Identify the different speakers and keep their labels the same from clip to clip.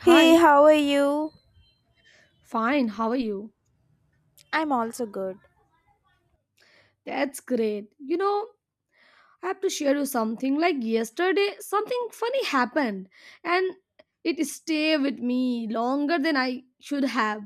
Speaker 1: Hey,
Speaker 2: Hi,
Speaker 1: how are you?
Speaker 2: fine, how are you?
Speaker 1: I'm also good.
Speaker 2: That's great. You know, I have to share you something. Like yesterday, something funny happened and it stayed with me longer than I should have.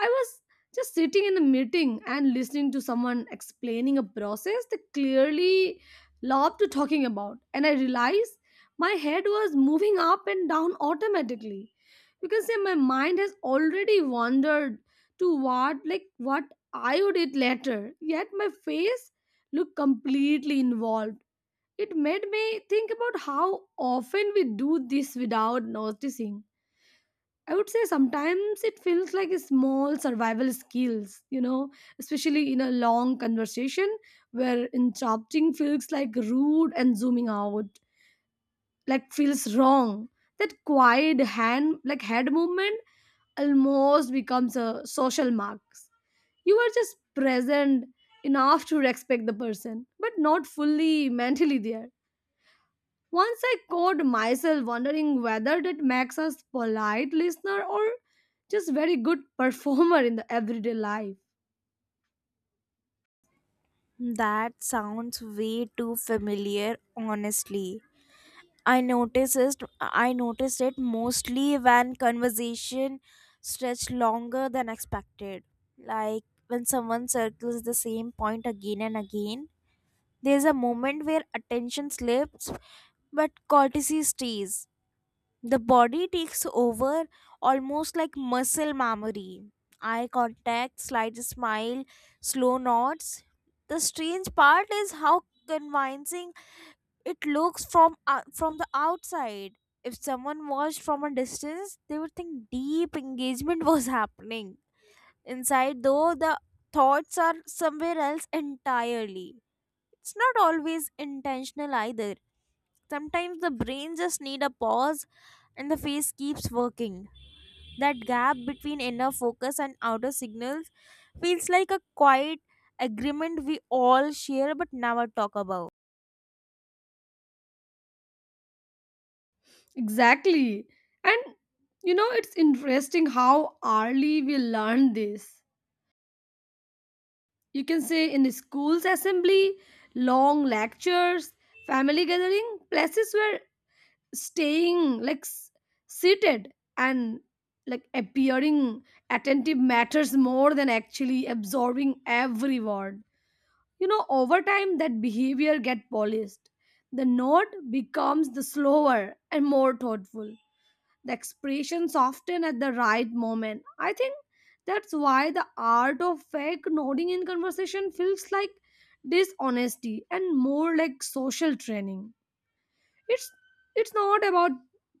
Speaker 2: I was just sitting in a meeting and listening to someone explaining a process they clearly loved to talking about, and I realized my head was moving up and down automatically. You can say my mind has already wandered to what I would eat later, yet my face looked completely involved. It made me think about how often we do this without noticing. I would say sometimes it feels like a small survival skills, especially in a long conversation where interrupting feels like rude and zooming out like feels wrong. That quiet hand like head movement almost becomes a social marks. You are just present enough to respect the person, but not fully mentally there. Once I caught myself wondering whether that makes us polite listener or just very good performer in the everyday life.
Speaker 1: That sounds way too familiar, honestly. I noticed it, I noticed it mostly when conversation stretched longer than expected. Like when someone circles the same point again and again. There's a moment where attention slips, but courtesy stays. The body takes over almost like muscle memory. Eye contact, slight smile, slow nods. The strange part is how convincing it looks from the outside. If someone watched from a distance, they would think deep engagement was happening. Inside, though, the thoughts are somewhere else entirely. It's not always intentional either. Sometimes the brain just need a pause and the face keeps working. That gap between inner focus and outer signals feels like a quiet agreement we all share but never talk about.
Speaker 2: Exactly. And it's interesting how early we learn this. You can say in schools assembly, long lectures, family gathering, places where staying seated and like appearing attentive matters more than actually absorbing every word. You know, over time that behavior get polished, the note becomes the slower and more thoughtful, the expression soften at the right moment. I think that's why the art of fake nodding in conversation feels like dishonesty and more like social training. It's it's not about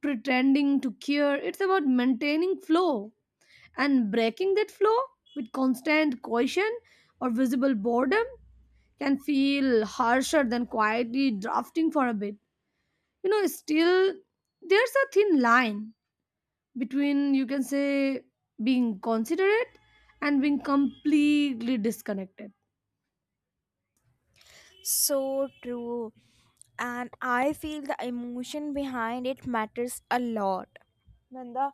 Speaker 2: pretending to care, it's about maintaining flow, and breaking that flow with constant caution or visible boredom can feel harsher than quietly drafting for a bit. You know, still, there's a thin line between, you can say, being considerate and being completely disconnected.
Speaker 1: So true. And I feel the emotion behind it matters a lot. When the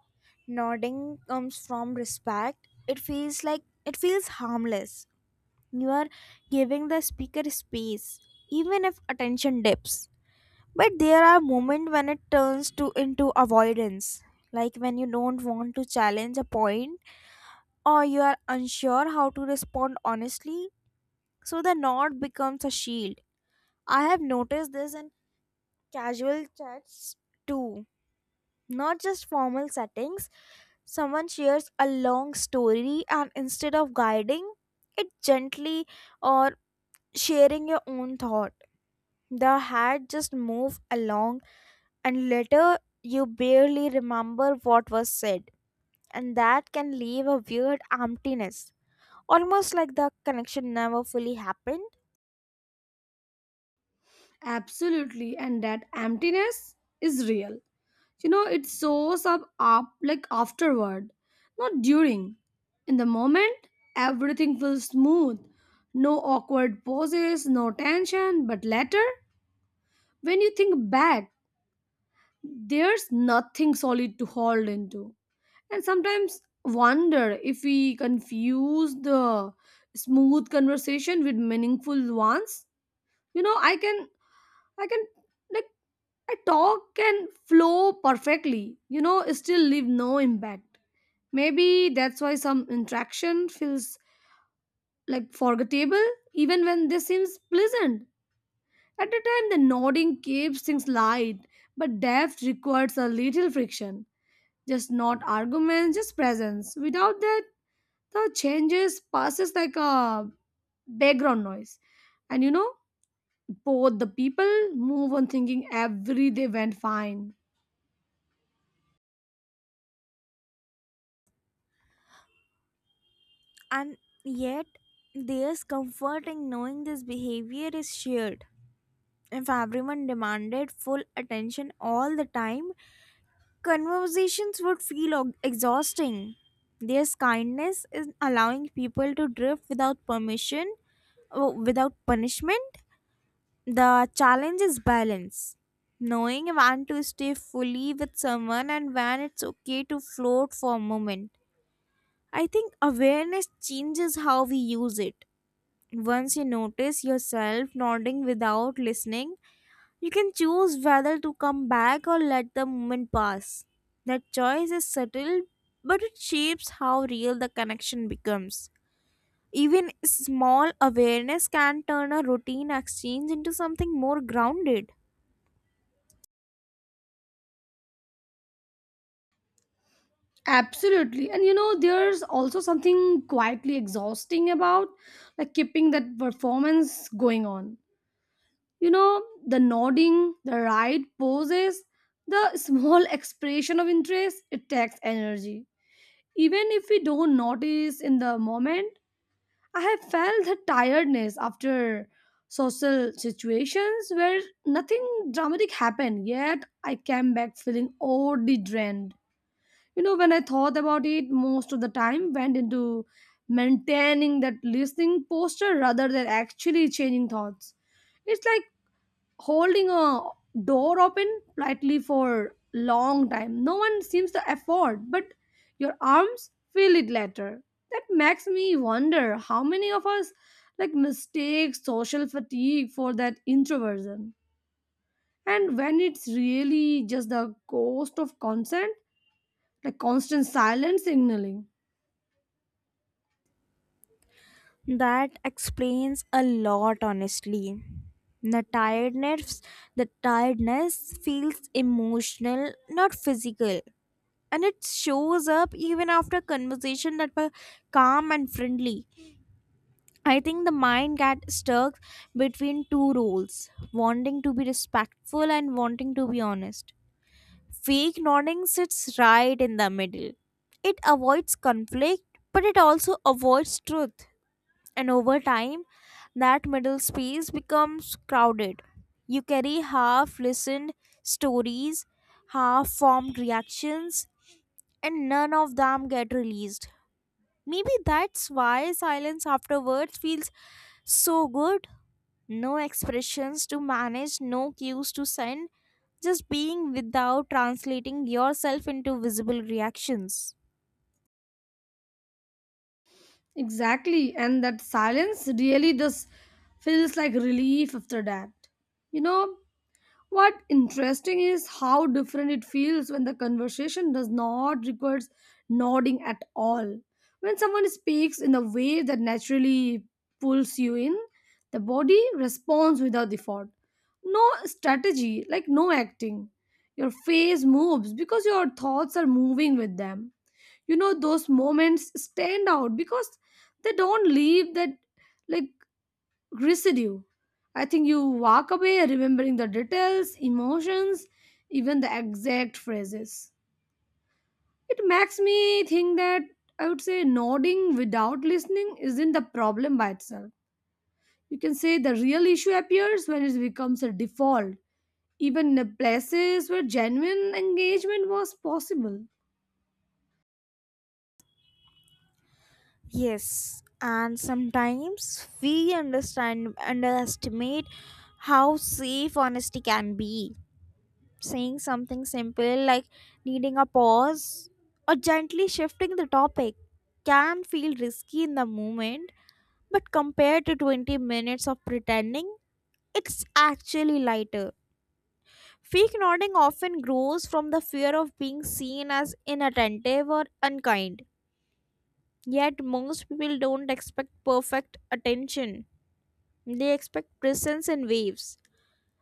Speaker 1: nodding comes from respect, it feels like it feels harmless. You are giving the speaker space, even if attention dips. But there are moments when it turns to into avoidance, like when you don't want to challenge a point or you are unsure how to respond honestly, so the nod becomes a shield. I have noticed this in casual chats too, not just formal settings. Someone shares a long story and instead of guiding it gently or sharing your own thought, the head just move along and later you barely remember what was said, and that can leave a weird emptiness, almost like the connection never fully happened.
Speaker 2: Absolutely. And that emptiness is real. You know, it shows up like afterward, not during. In the moment, everything feels smooth. No awkward poses, no tension, but later, when you think back, there's nothing solid to hold into. And sometimes wonder if we confuse the smooth conversation with meaningful ones. You know, I can, like, I talk can flow perfectly, still leave no impact. Maybe that's why some interaction feels like forgettable, even when this seems pleasant. At the time, the nodding keeps things light, but depth requires a little friction, just not arguments, just presence. Without that, the changes passes like a background noise, and both the people move on thinking every day went fine.
Speaker 1: And yet, there's comfort in knowing this behavior is shared. If everyone demanded full attention all the time, conversations would feel exhausting. There's kindness in allowing people to drift without permission, without punishment. The challenge is balance. Knowing when to stay fully with someone and when it's okay to float for a moment. I think awareness changes how we use it. Once you notice yourself nodding without listening, you can choose whether to come back or let the moment pass. That choice is subtle, but it shapes how real the connection becomes. Even small awareness can turn a routine exchange into something more grounded.
Speaker 2: Absolutely. And there's also something quietly exhausting about like keeping that performance going on. You know, the nodding, the right poses, the small expression of interest, it takes energy, even if we don't notice in the moment. I have felt the tiredness after social situations where nothing dramatic happened, yet I came back feeling oddly drained. You know, when I thought about it, most of the time went into maintaining that listening posture rather than actually changing thoughts. It's like holding a door open politely for long time, no one seems to afford, but your arms feel it later. That makes me wonder how many of us like mistake social fatigue for that introversion, and when it's really just the ghost of consent, like constant silence signaling.
Speaker 1: That explains a lot, honestly. The tiredness, the tiredness feels emotional, not physical, and it shows up even after conversation that were calm and friendly. I think the mind got stuck between two roles: wanting to be respectful and wanting to be honest. Fake nodding sits right in the middle. It avoids conflict, but it also avoids truth. And over time, that middle space becomes crowded. You carry half listened stories, half formed reactions, and none of them get released. Maybe that's why silence afterwards feels so good. No expressions to manage, no cues to send, just being without translating yourself into visible reactions.
Speaker 2: Exactly. And that silence really just feels like relief after that, you know What interesting is how different it feels when the conversation does not require nodding at all. When someone speaks in a way that naturally pulls you in, the body responds without effort. No strategy, like no acting. Your face moves because your thoughts are moving with them. You know, those moments stand out because they don't leave that like residue. I think you walk away remembering the details, emotions, even the exact phrases. It makes me think that I would say nodding without listening isn't the problem by itself. You can say the real issue appears when it becomes a default, even in places where genuine engagement was possible.
Speaker 1: Yes, and sometimes we understand underestimate how safe honesty can be. Saying something simple like needing a pause or gently shifting the topic can feel risky in the moment, but compared to 20 minutes of pretending, it's actually lighter. Fake nodding often grows from the fear of being seen as inattentive or unkind. Yet most people don't expect perfect attention. They expect presence in waves.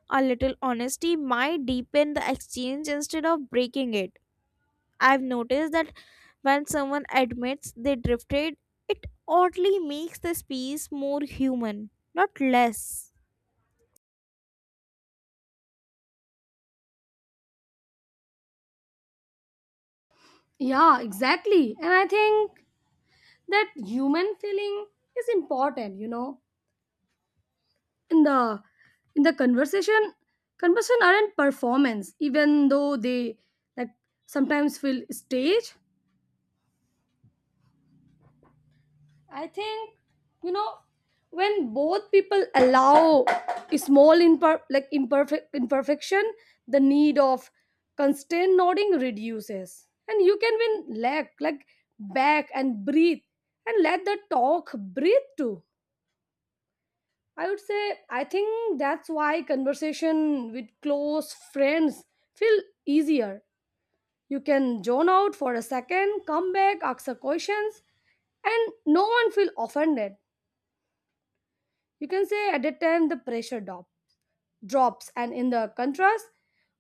Speaker 1: A little honesty might deepen the exchange instead of breaking it. I've noticed that when someone admits they drifted, it oddly makes the space more human, not less.
Speaker 2: Yeah, exactly. And I think that human feeling is important, in the conversation. Conversation aren't performance even though they like sometimes feel stage. I think, you know when both people allow a small imperfection, the need of constant nodding reduces and you can win leg like back and breathe and let the talk breathe too. I would say I think that's why conversation with close friends feel easier. You can zone out for a second, come back, ask the questions, and no one feel offended. You can say at that time the pressure drops, and in the contrast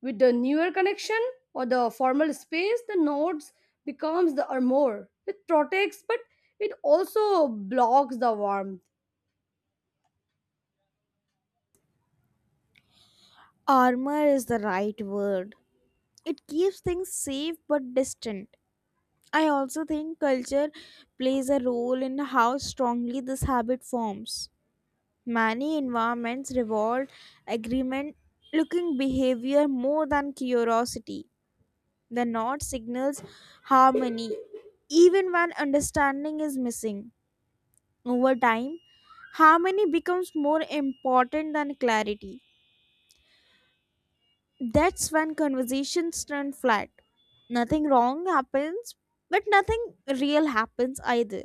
Speaker 2: with the newer connection or the formal space, the nodes becomes the armor. It protects, but it also blocks the warmth.
Speaker 1: Armor is the right word. It keeps things safe but distant. I also think culture plays a role in how strongly this habit forms. Many environments reward agreement looking behavior more than curiosity. The nod signals harmony, even when understanding is missing. Over time, harmony becomes more important than clarity. That's when conversations turn flat. Nothing wrong happens, but nothing real happens either.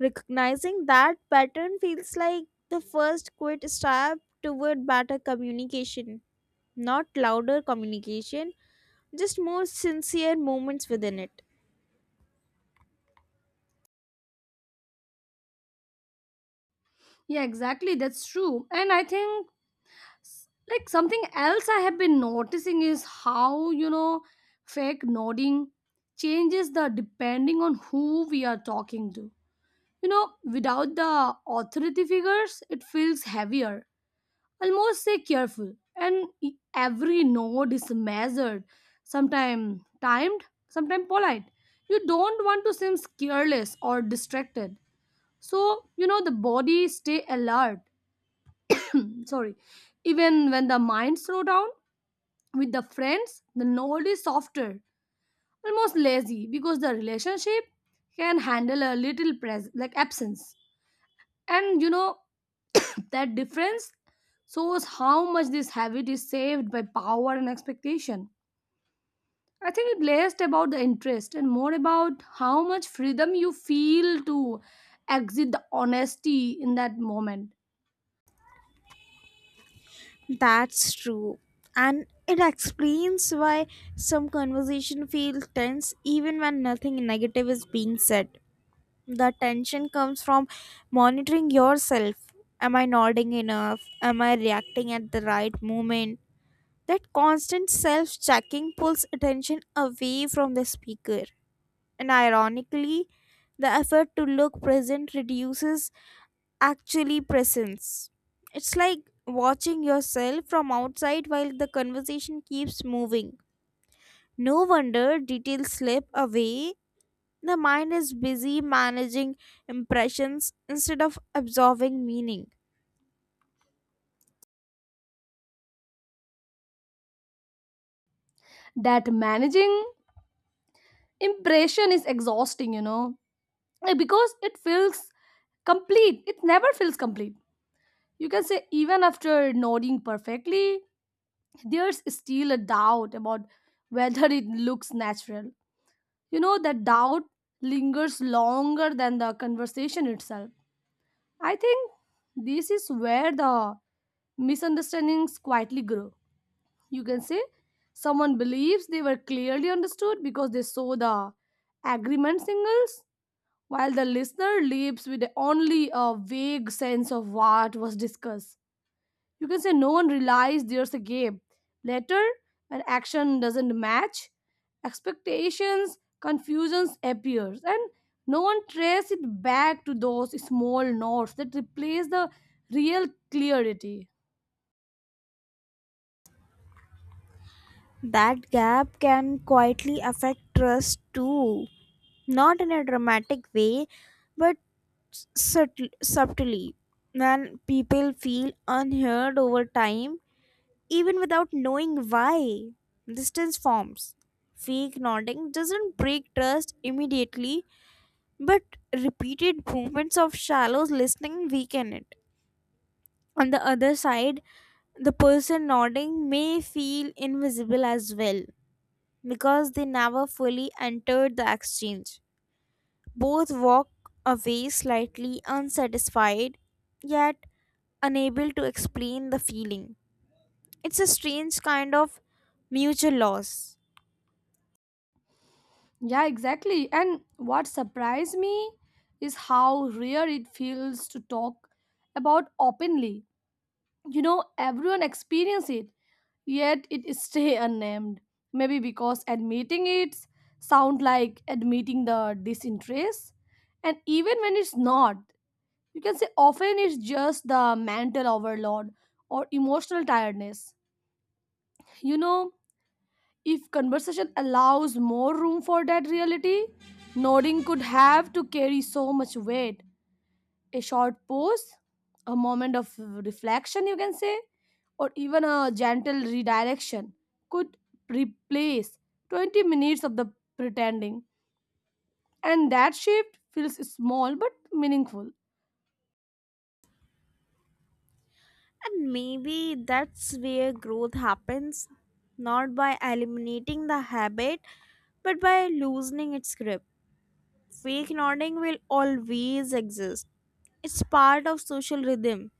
Speaker 1: Recognizing that pattern feels like the first quick step toward better communication. Not louder communication, just more sincere moments within it.
Speaker 2: Yeah, exactly. That's true. And I think something else I have been noticing is how, fake nodding changes the depending on who we are talking to. You know, without the authority figures it feels heavier, almost say careful and every nod is measured, sometimes timed, sometimes polite. You don't want to seem careless or distracted, so the body stay alert. Sorry, even when the mind slow down, with the friends the nod is softer, almost lazy, because the relationship can handle a little absence. And that difference shows how much this habit is saved by power and expectation. I think it less about the interest and more about how much freedom you feel to exit the honesty in that moment.
Speaker 1: That's true. And it explains why some conversation feels tense even when nothing negative is being said. The tension comes from monitoring yourself. Am I nodding enough? Am I reacting at the right moment? That constant self checking pulls attention away from the speaker. And ironically, the effort to look present reduces actually presence. It's like watching yourself from outside while the conversation keeps moving. No wonder details slip away. The mind is busy managing impressions instead of absorbing meaning.
Speaker 2: That managing impression is exhausting, because it never feels complete. You can say, even after nodding perfectly, there's still a doubt about whether it looks natural. You know, that doubt lingers longer than the conversation itself. I think this is where the misunderstandings quietly grow. You can say, someone believes they were clearly understood because they saw the agreement signals, while the listener leaves with only a vague sense of what was discussed. You can say no one realized there's a gap. Later, when action doesn't match, expectations, confusions appears, and no one traces it back to those small notes that replace the real clarity.
Speaker 1: That gap can quietly affect trust too, not in a dramatic way, but subtly. When people feel unheard over time, even without knowing why. Distance forms. Fake nodding doesn't break trust immediately, but repeated moments of shallow listening weaken it. On the other side, the person nodding may feel invisible as well because they never fully entered the exchange. Both walk away slightly unsatisfied, yet unable to explain the feeling. It's a strange kind of mutual loss.
Speaker 2: Yeah, exactly. And what surprised me is how rare it feels to talk about openly. You know, everyone experience it yet it stay unnamed, maybe because admitting it sound like admitting the disinterest, and even when it's not, you can say often it's just the mental overload or emotional tiredness. You know, if conversation allows more room for that reality, nodding could have to carry so much weight. A short pause, a moment of reflection, you can say, or even a gentle redirection could replace 20 minutes of the pretending. And that shift feels small but meaningful.
Speaker 1: And maybe that's where growth happens, not by eliminating the habit, but by loosening its grip. Fake nodding will always exist. It's part of social rhythm.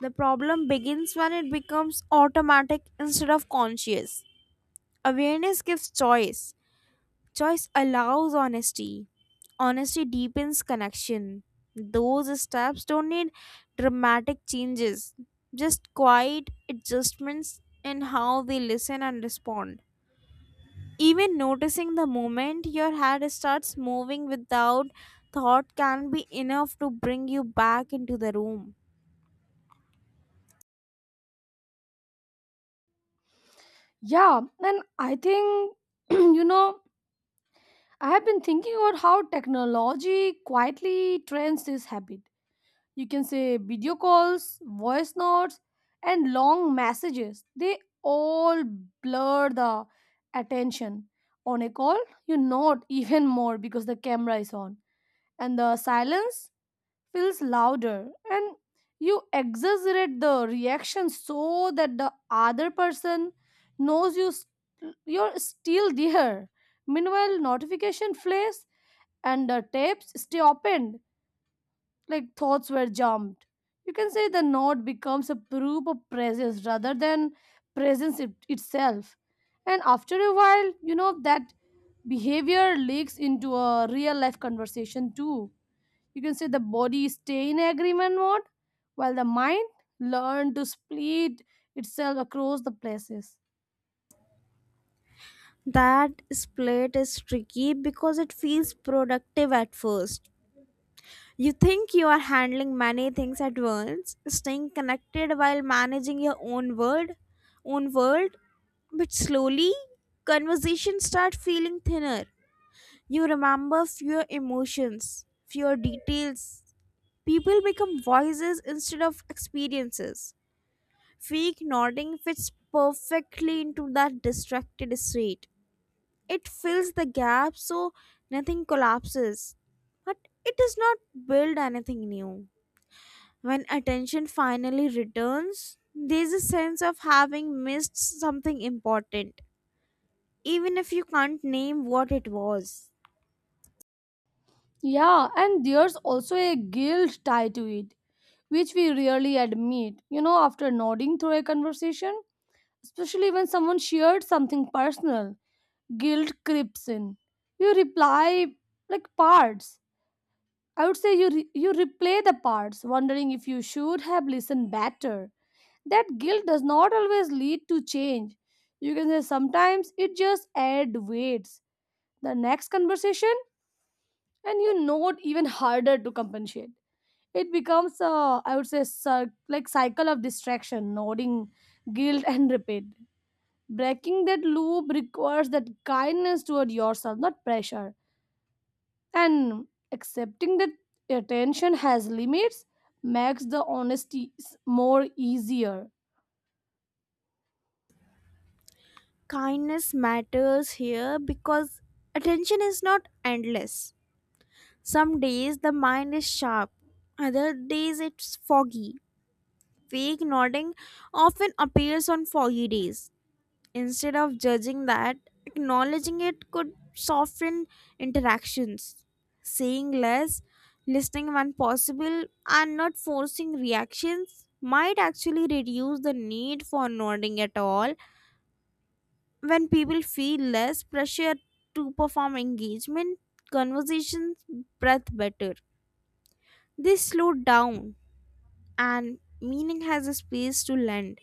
Speaker 1: The problem begins when it becomes automatic instead of conscious. Awareness gives choice. Choice allows honesty. Honesty deepens connection. Those steps don't need dramatic changes, just quiet adjustments in how we listen and respond. Even noticing the moment your head starts moving without thought can be enough to bring you back into the room.
Speaker 2: Yeah, and I think, you know, I have been thinking about how technology quietly trains this habit. You can say video calls, voice notes, and long messages. They all blur the attention. On a call, you nod even more because the camera is on, and the silence feels louder, and you exaggerate the reaction so that the other person knows you're still there. Meanwhile, notification flares and the tabs stay open like thoughts were jumped. You can say the note becomes a proof of presence rather than presence itself. And after a while, that behavior leaks into a real life conversation too. You can say the body stay in agreement mode while the mind learn to split itself across the places.
Speaker 1: That split is tricky because it feels productive at first. You think you are handling many things at once, staying connected while managing your own world, but slowly conversations start feeling thinner. You remember fewer emotions, fewer details. People become voices instead of experiences. Fake nodding fits perfectly into that distracted state. It fills the gap so nothing collapses, but it does not build anything new. When attention finally returns, there's a sense of having missed something important, even if you can't name what it was.
Speaker 2: Yeah, and there's also a guilt tied to it, which we rarely admit. You know, after nodding through a conversation, especially when someone shared something personal. Guilt creeps in. You reply like parts. I would say you you replay the parts, wondering if you should have listened better. That guilt does not always lead to change. You can say sometimes it just adds weights. The next conversation, and you know it even harder to compensate. It becomes a, I would say, cycle of distraction, nodding, guilt, and repeat. Breaking that loop requires that kindness toward yourself, not pressure. And accepting that attention has limits makes the honesty more easier.
Speaker 1: Kindness matters here because attention is not endless. Some days the mind is sharp, other days it's foggy. Fake nodding often appears on foggy days. Instead of judging that, acknowledging it could soften interactions. Saying less, listening when possible, and not forcing reactions might actually reduce the need for nodding at all. When people feel less pressure to perform engagement, conversations breath better. They slow down, and meaning has a space to land.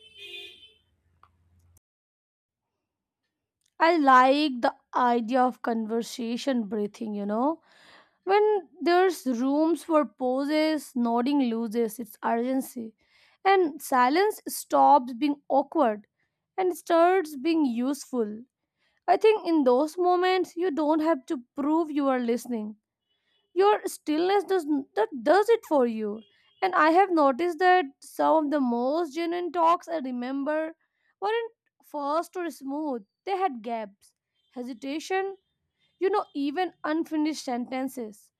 Speaker 2: I like the idea of conversation breathing, you know. When there's rooms for pauses, nodding loses its urgency. And silence stops being awkward and starts being useful. I think in those moments, you don't have to prove you are listening, your stillness does it for you. And I have noticed that some of the most genuine talks I remember weren't fast or smooth, they had gaps, hesitation, you know, even unfinished sentences,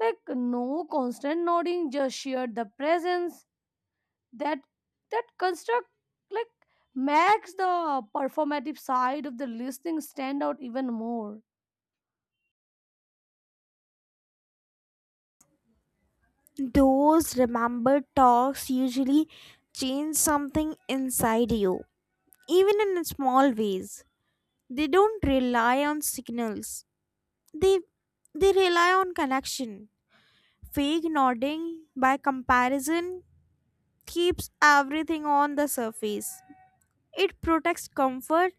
Speaker 2: like no constant nodding, just shared the presence. That that construct like makes the performative side of the listening stand out even more.
Speaker 1: Those remembered talks usually change something inside you, even in small ways. They don't rely on signals. They they rely on connection. Fake nodding by comparison keeps everything on the surface. It protects comfort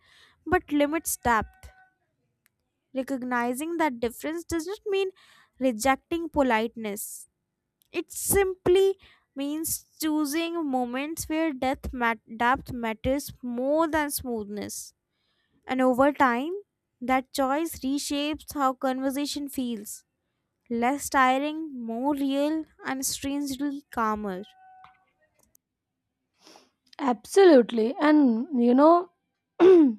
Speaker 1: but limits depth. Recognizing that difference does not mean rejecting politeness. It simply means choosing moments where depth matters more than smoothness. And over time, that choice reshapes how conversation feels less tiring, more real, and strangely calmer.
Speaker 2: Absolutely. And you know, that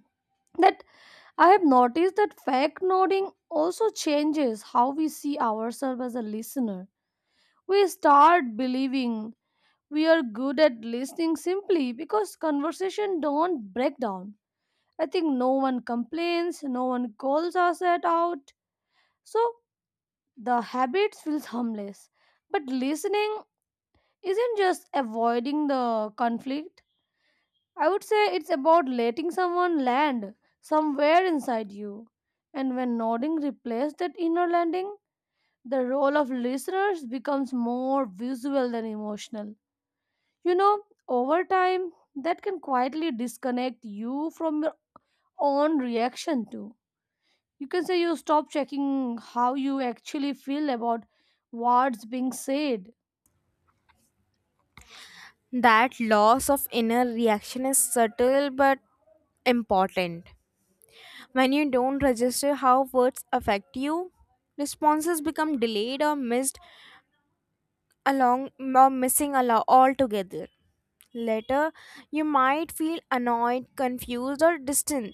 Speaker 2: I have noticed that fact nodding also changes how we see ourselves as a listener. We start believing we are good at listening simply because conversation don't break down. I think no one complains, no one calls us at out. So the habit feels harmless. But listening isn't just avoiding the conflict. I would say it's about letting someone land somewhere inside you. And when nodding replaces that inner landing, the role of listeners becomes more visual than emotional. You know, over time, that can quietly disconnect you from your own reaction too. You can say you stop checking how you actually feel about what's being said.
Speaker 1: That loss of inner reaction is subtle but important. When you don't register how words affect you, responses become delayed or missed along or missing altogether. Later, you might feel annoyed, confused, or distant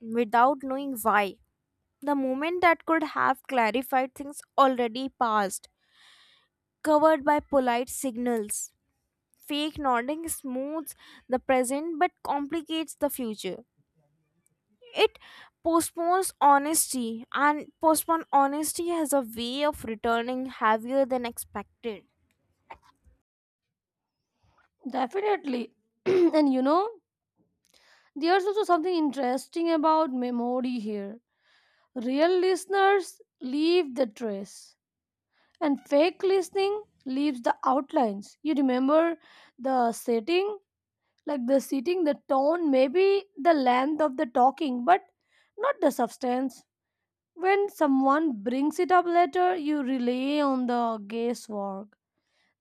Speaker 1: without knowing why. The moment that could have clarified things already passed, covered by polite signals. Fake nodding smooths the present but complicates the future. It postpones honesty, and postponed honesty has a way of returning heavier than expected.
Speaker 2: Definitely. And there's also something interesting about memory here. Real listeners leave the trace, and fake listening leaves the outlines. You remember the setting, like the sitting, the tone, maybe the length of the talking, but not the substance. When someone brings it up later, you rely on the guesswork.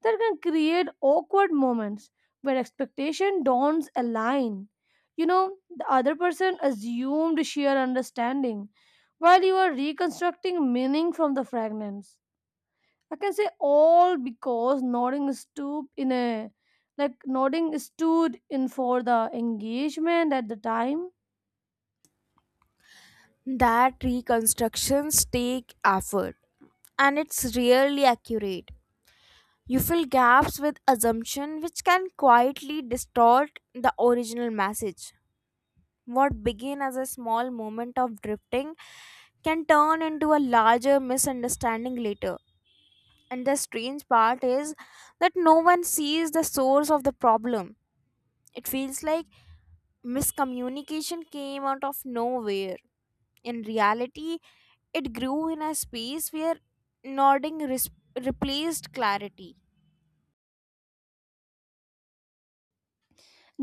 Speaker 2: That can create awkward moments where expectation don't align. You know, the other person assumed sheer understanding while you are reconstructing meaning from the fragments. I can say all because nodding stood in a like nodding stood in for the engagement at the time.
Speaker 1: That reconstructions take effort, and it's rarely accurate. You fill gaps with assumption which can quietly distort the original message. What began as a small moment of drifting can turn into a larger misunderstanding later. And the strange part is that no one sees the source of the problem. It feels like miscommunication came out of nowhere. In reality, it grew in a space where nodding replaced clarity.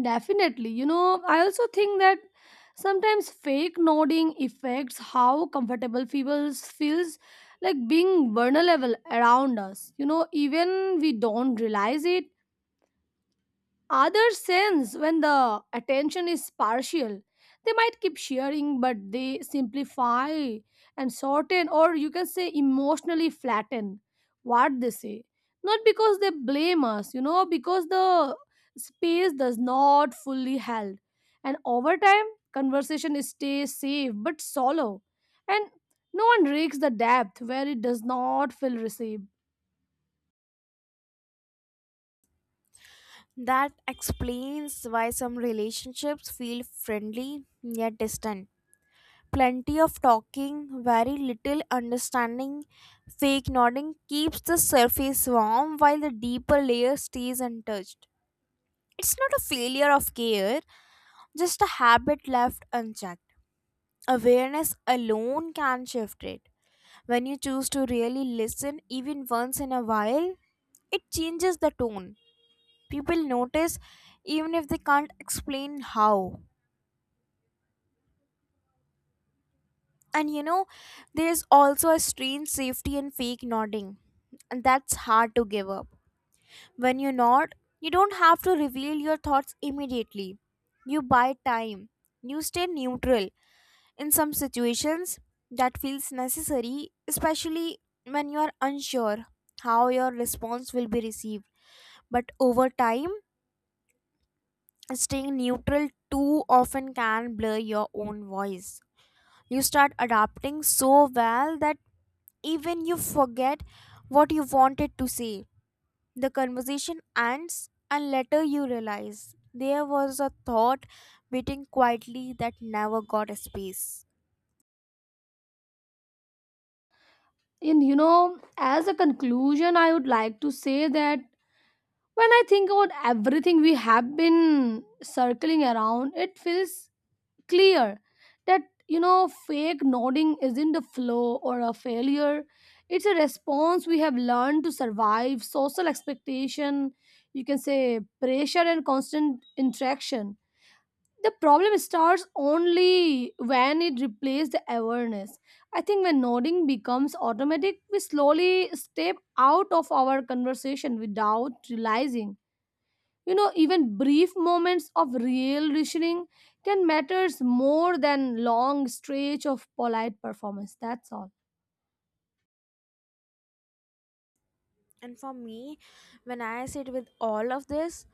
Speaker 2: Definitely. You know, I also think that sometimes fake nodding affects how comfortable people feels like being vulnerable around us. You know, even we don't realize it. Others sense when the attention is partial. They might keep sharing, but they simplify and shorten, or you can say emotionally flatten what they say. Not because they blame us, you know, because the space does not fully held. And over time, conversation stays safe but shallow. And no one reaches the depth where it does not feel received.
Speaker 1: That explains why some relationships feel friendly yet distant. Plenty of talking, very little understanding, fake nodding keeps the surface warm while the deeper layer stays untouched. It's not a failure of care, just a habit left unchecked. Awareness alone can shift it. When you choose to really listen, even once in a while, it changes the tone people notice even if they can't explain how. And there's also a strange safety in fake nodding, and that's hard to give up. When you nod, you don't have to reveal your thoughts immediately. You buy time. You stay neutral. In some situations that feels necessary, especially when you are unsure how your response will be received. But over time, staying neutral too often can blur your own voice. You start adapting so well that even you forget what you wanted to say. The conversation ends, and later you realize there was a thought waiting quietly that never got a space.
Speaker 2: And as a conclusion, I would like to say that when I think about everything we have been circling around, it feels clear that, fake nodding isn't a flaw or a failure. It's a response we have learned to survive social expectation, you can say pressure and constant interaction. The problem starts only when it replaces the awareness. I think when nodding becomes automatic, we slowly step out of our conversation without realizing. You know, even brief moments of real listening can matters more than long stretch of polite performance. That's all.
Speaker 1: And for me, when I sit with all of this,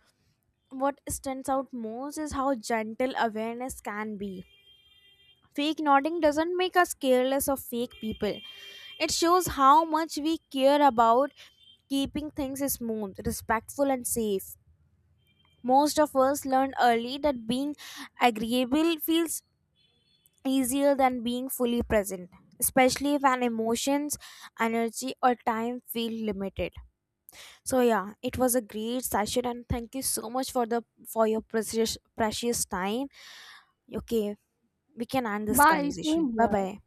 Speaker 1: what stands out most is how gentle awareness can be. Fake nodding doesn't make us careless of fake people. It shows how much we care about keeping things smooth, respectful, and safe. Most of us learned early that being agreeable feels easier than being fully present, especially when emotions, energy, or time feel limited. So yeah, it was a great session, and thank you so much for your precious time. Okay, we can end this
Speaker 2: Bye.
Speaker 1: conversation.
Speaker 2: Same
Speaker 1: Bye
Speaker 2: here.
Speaker 1: bye.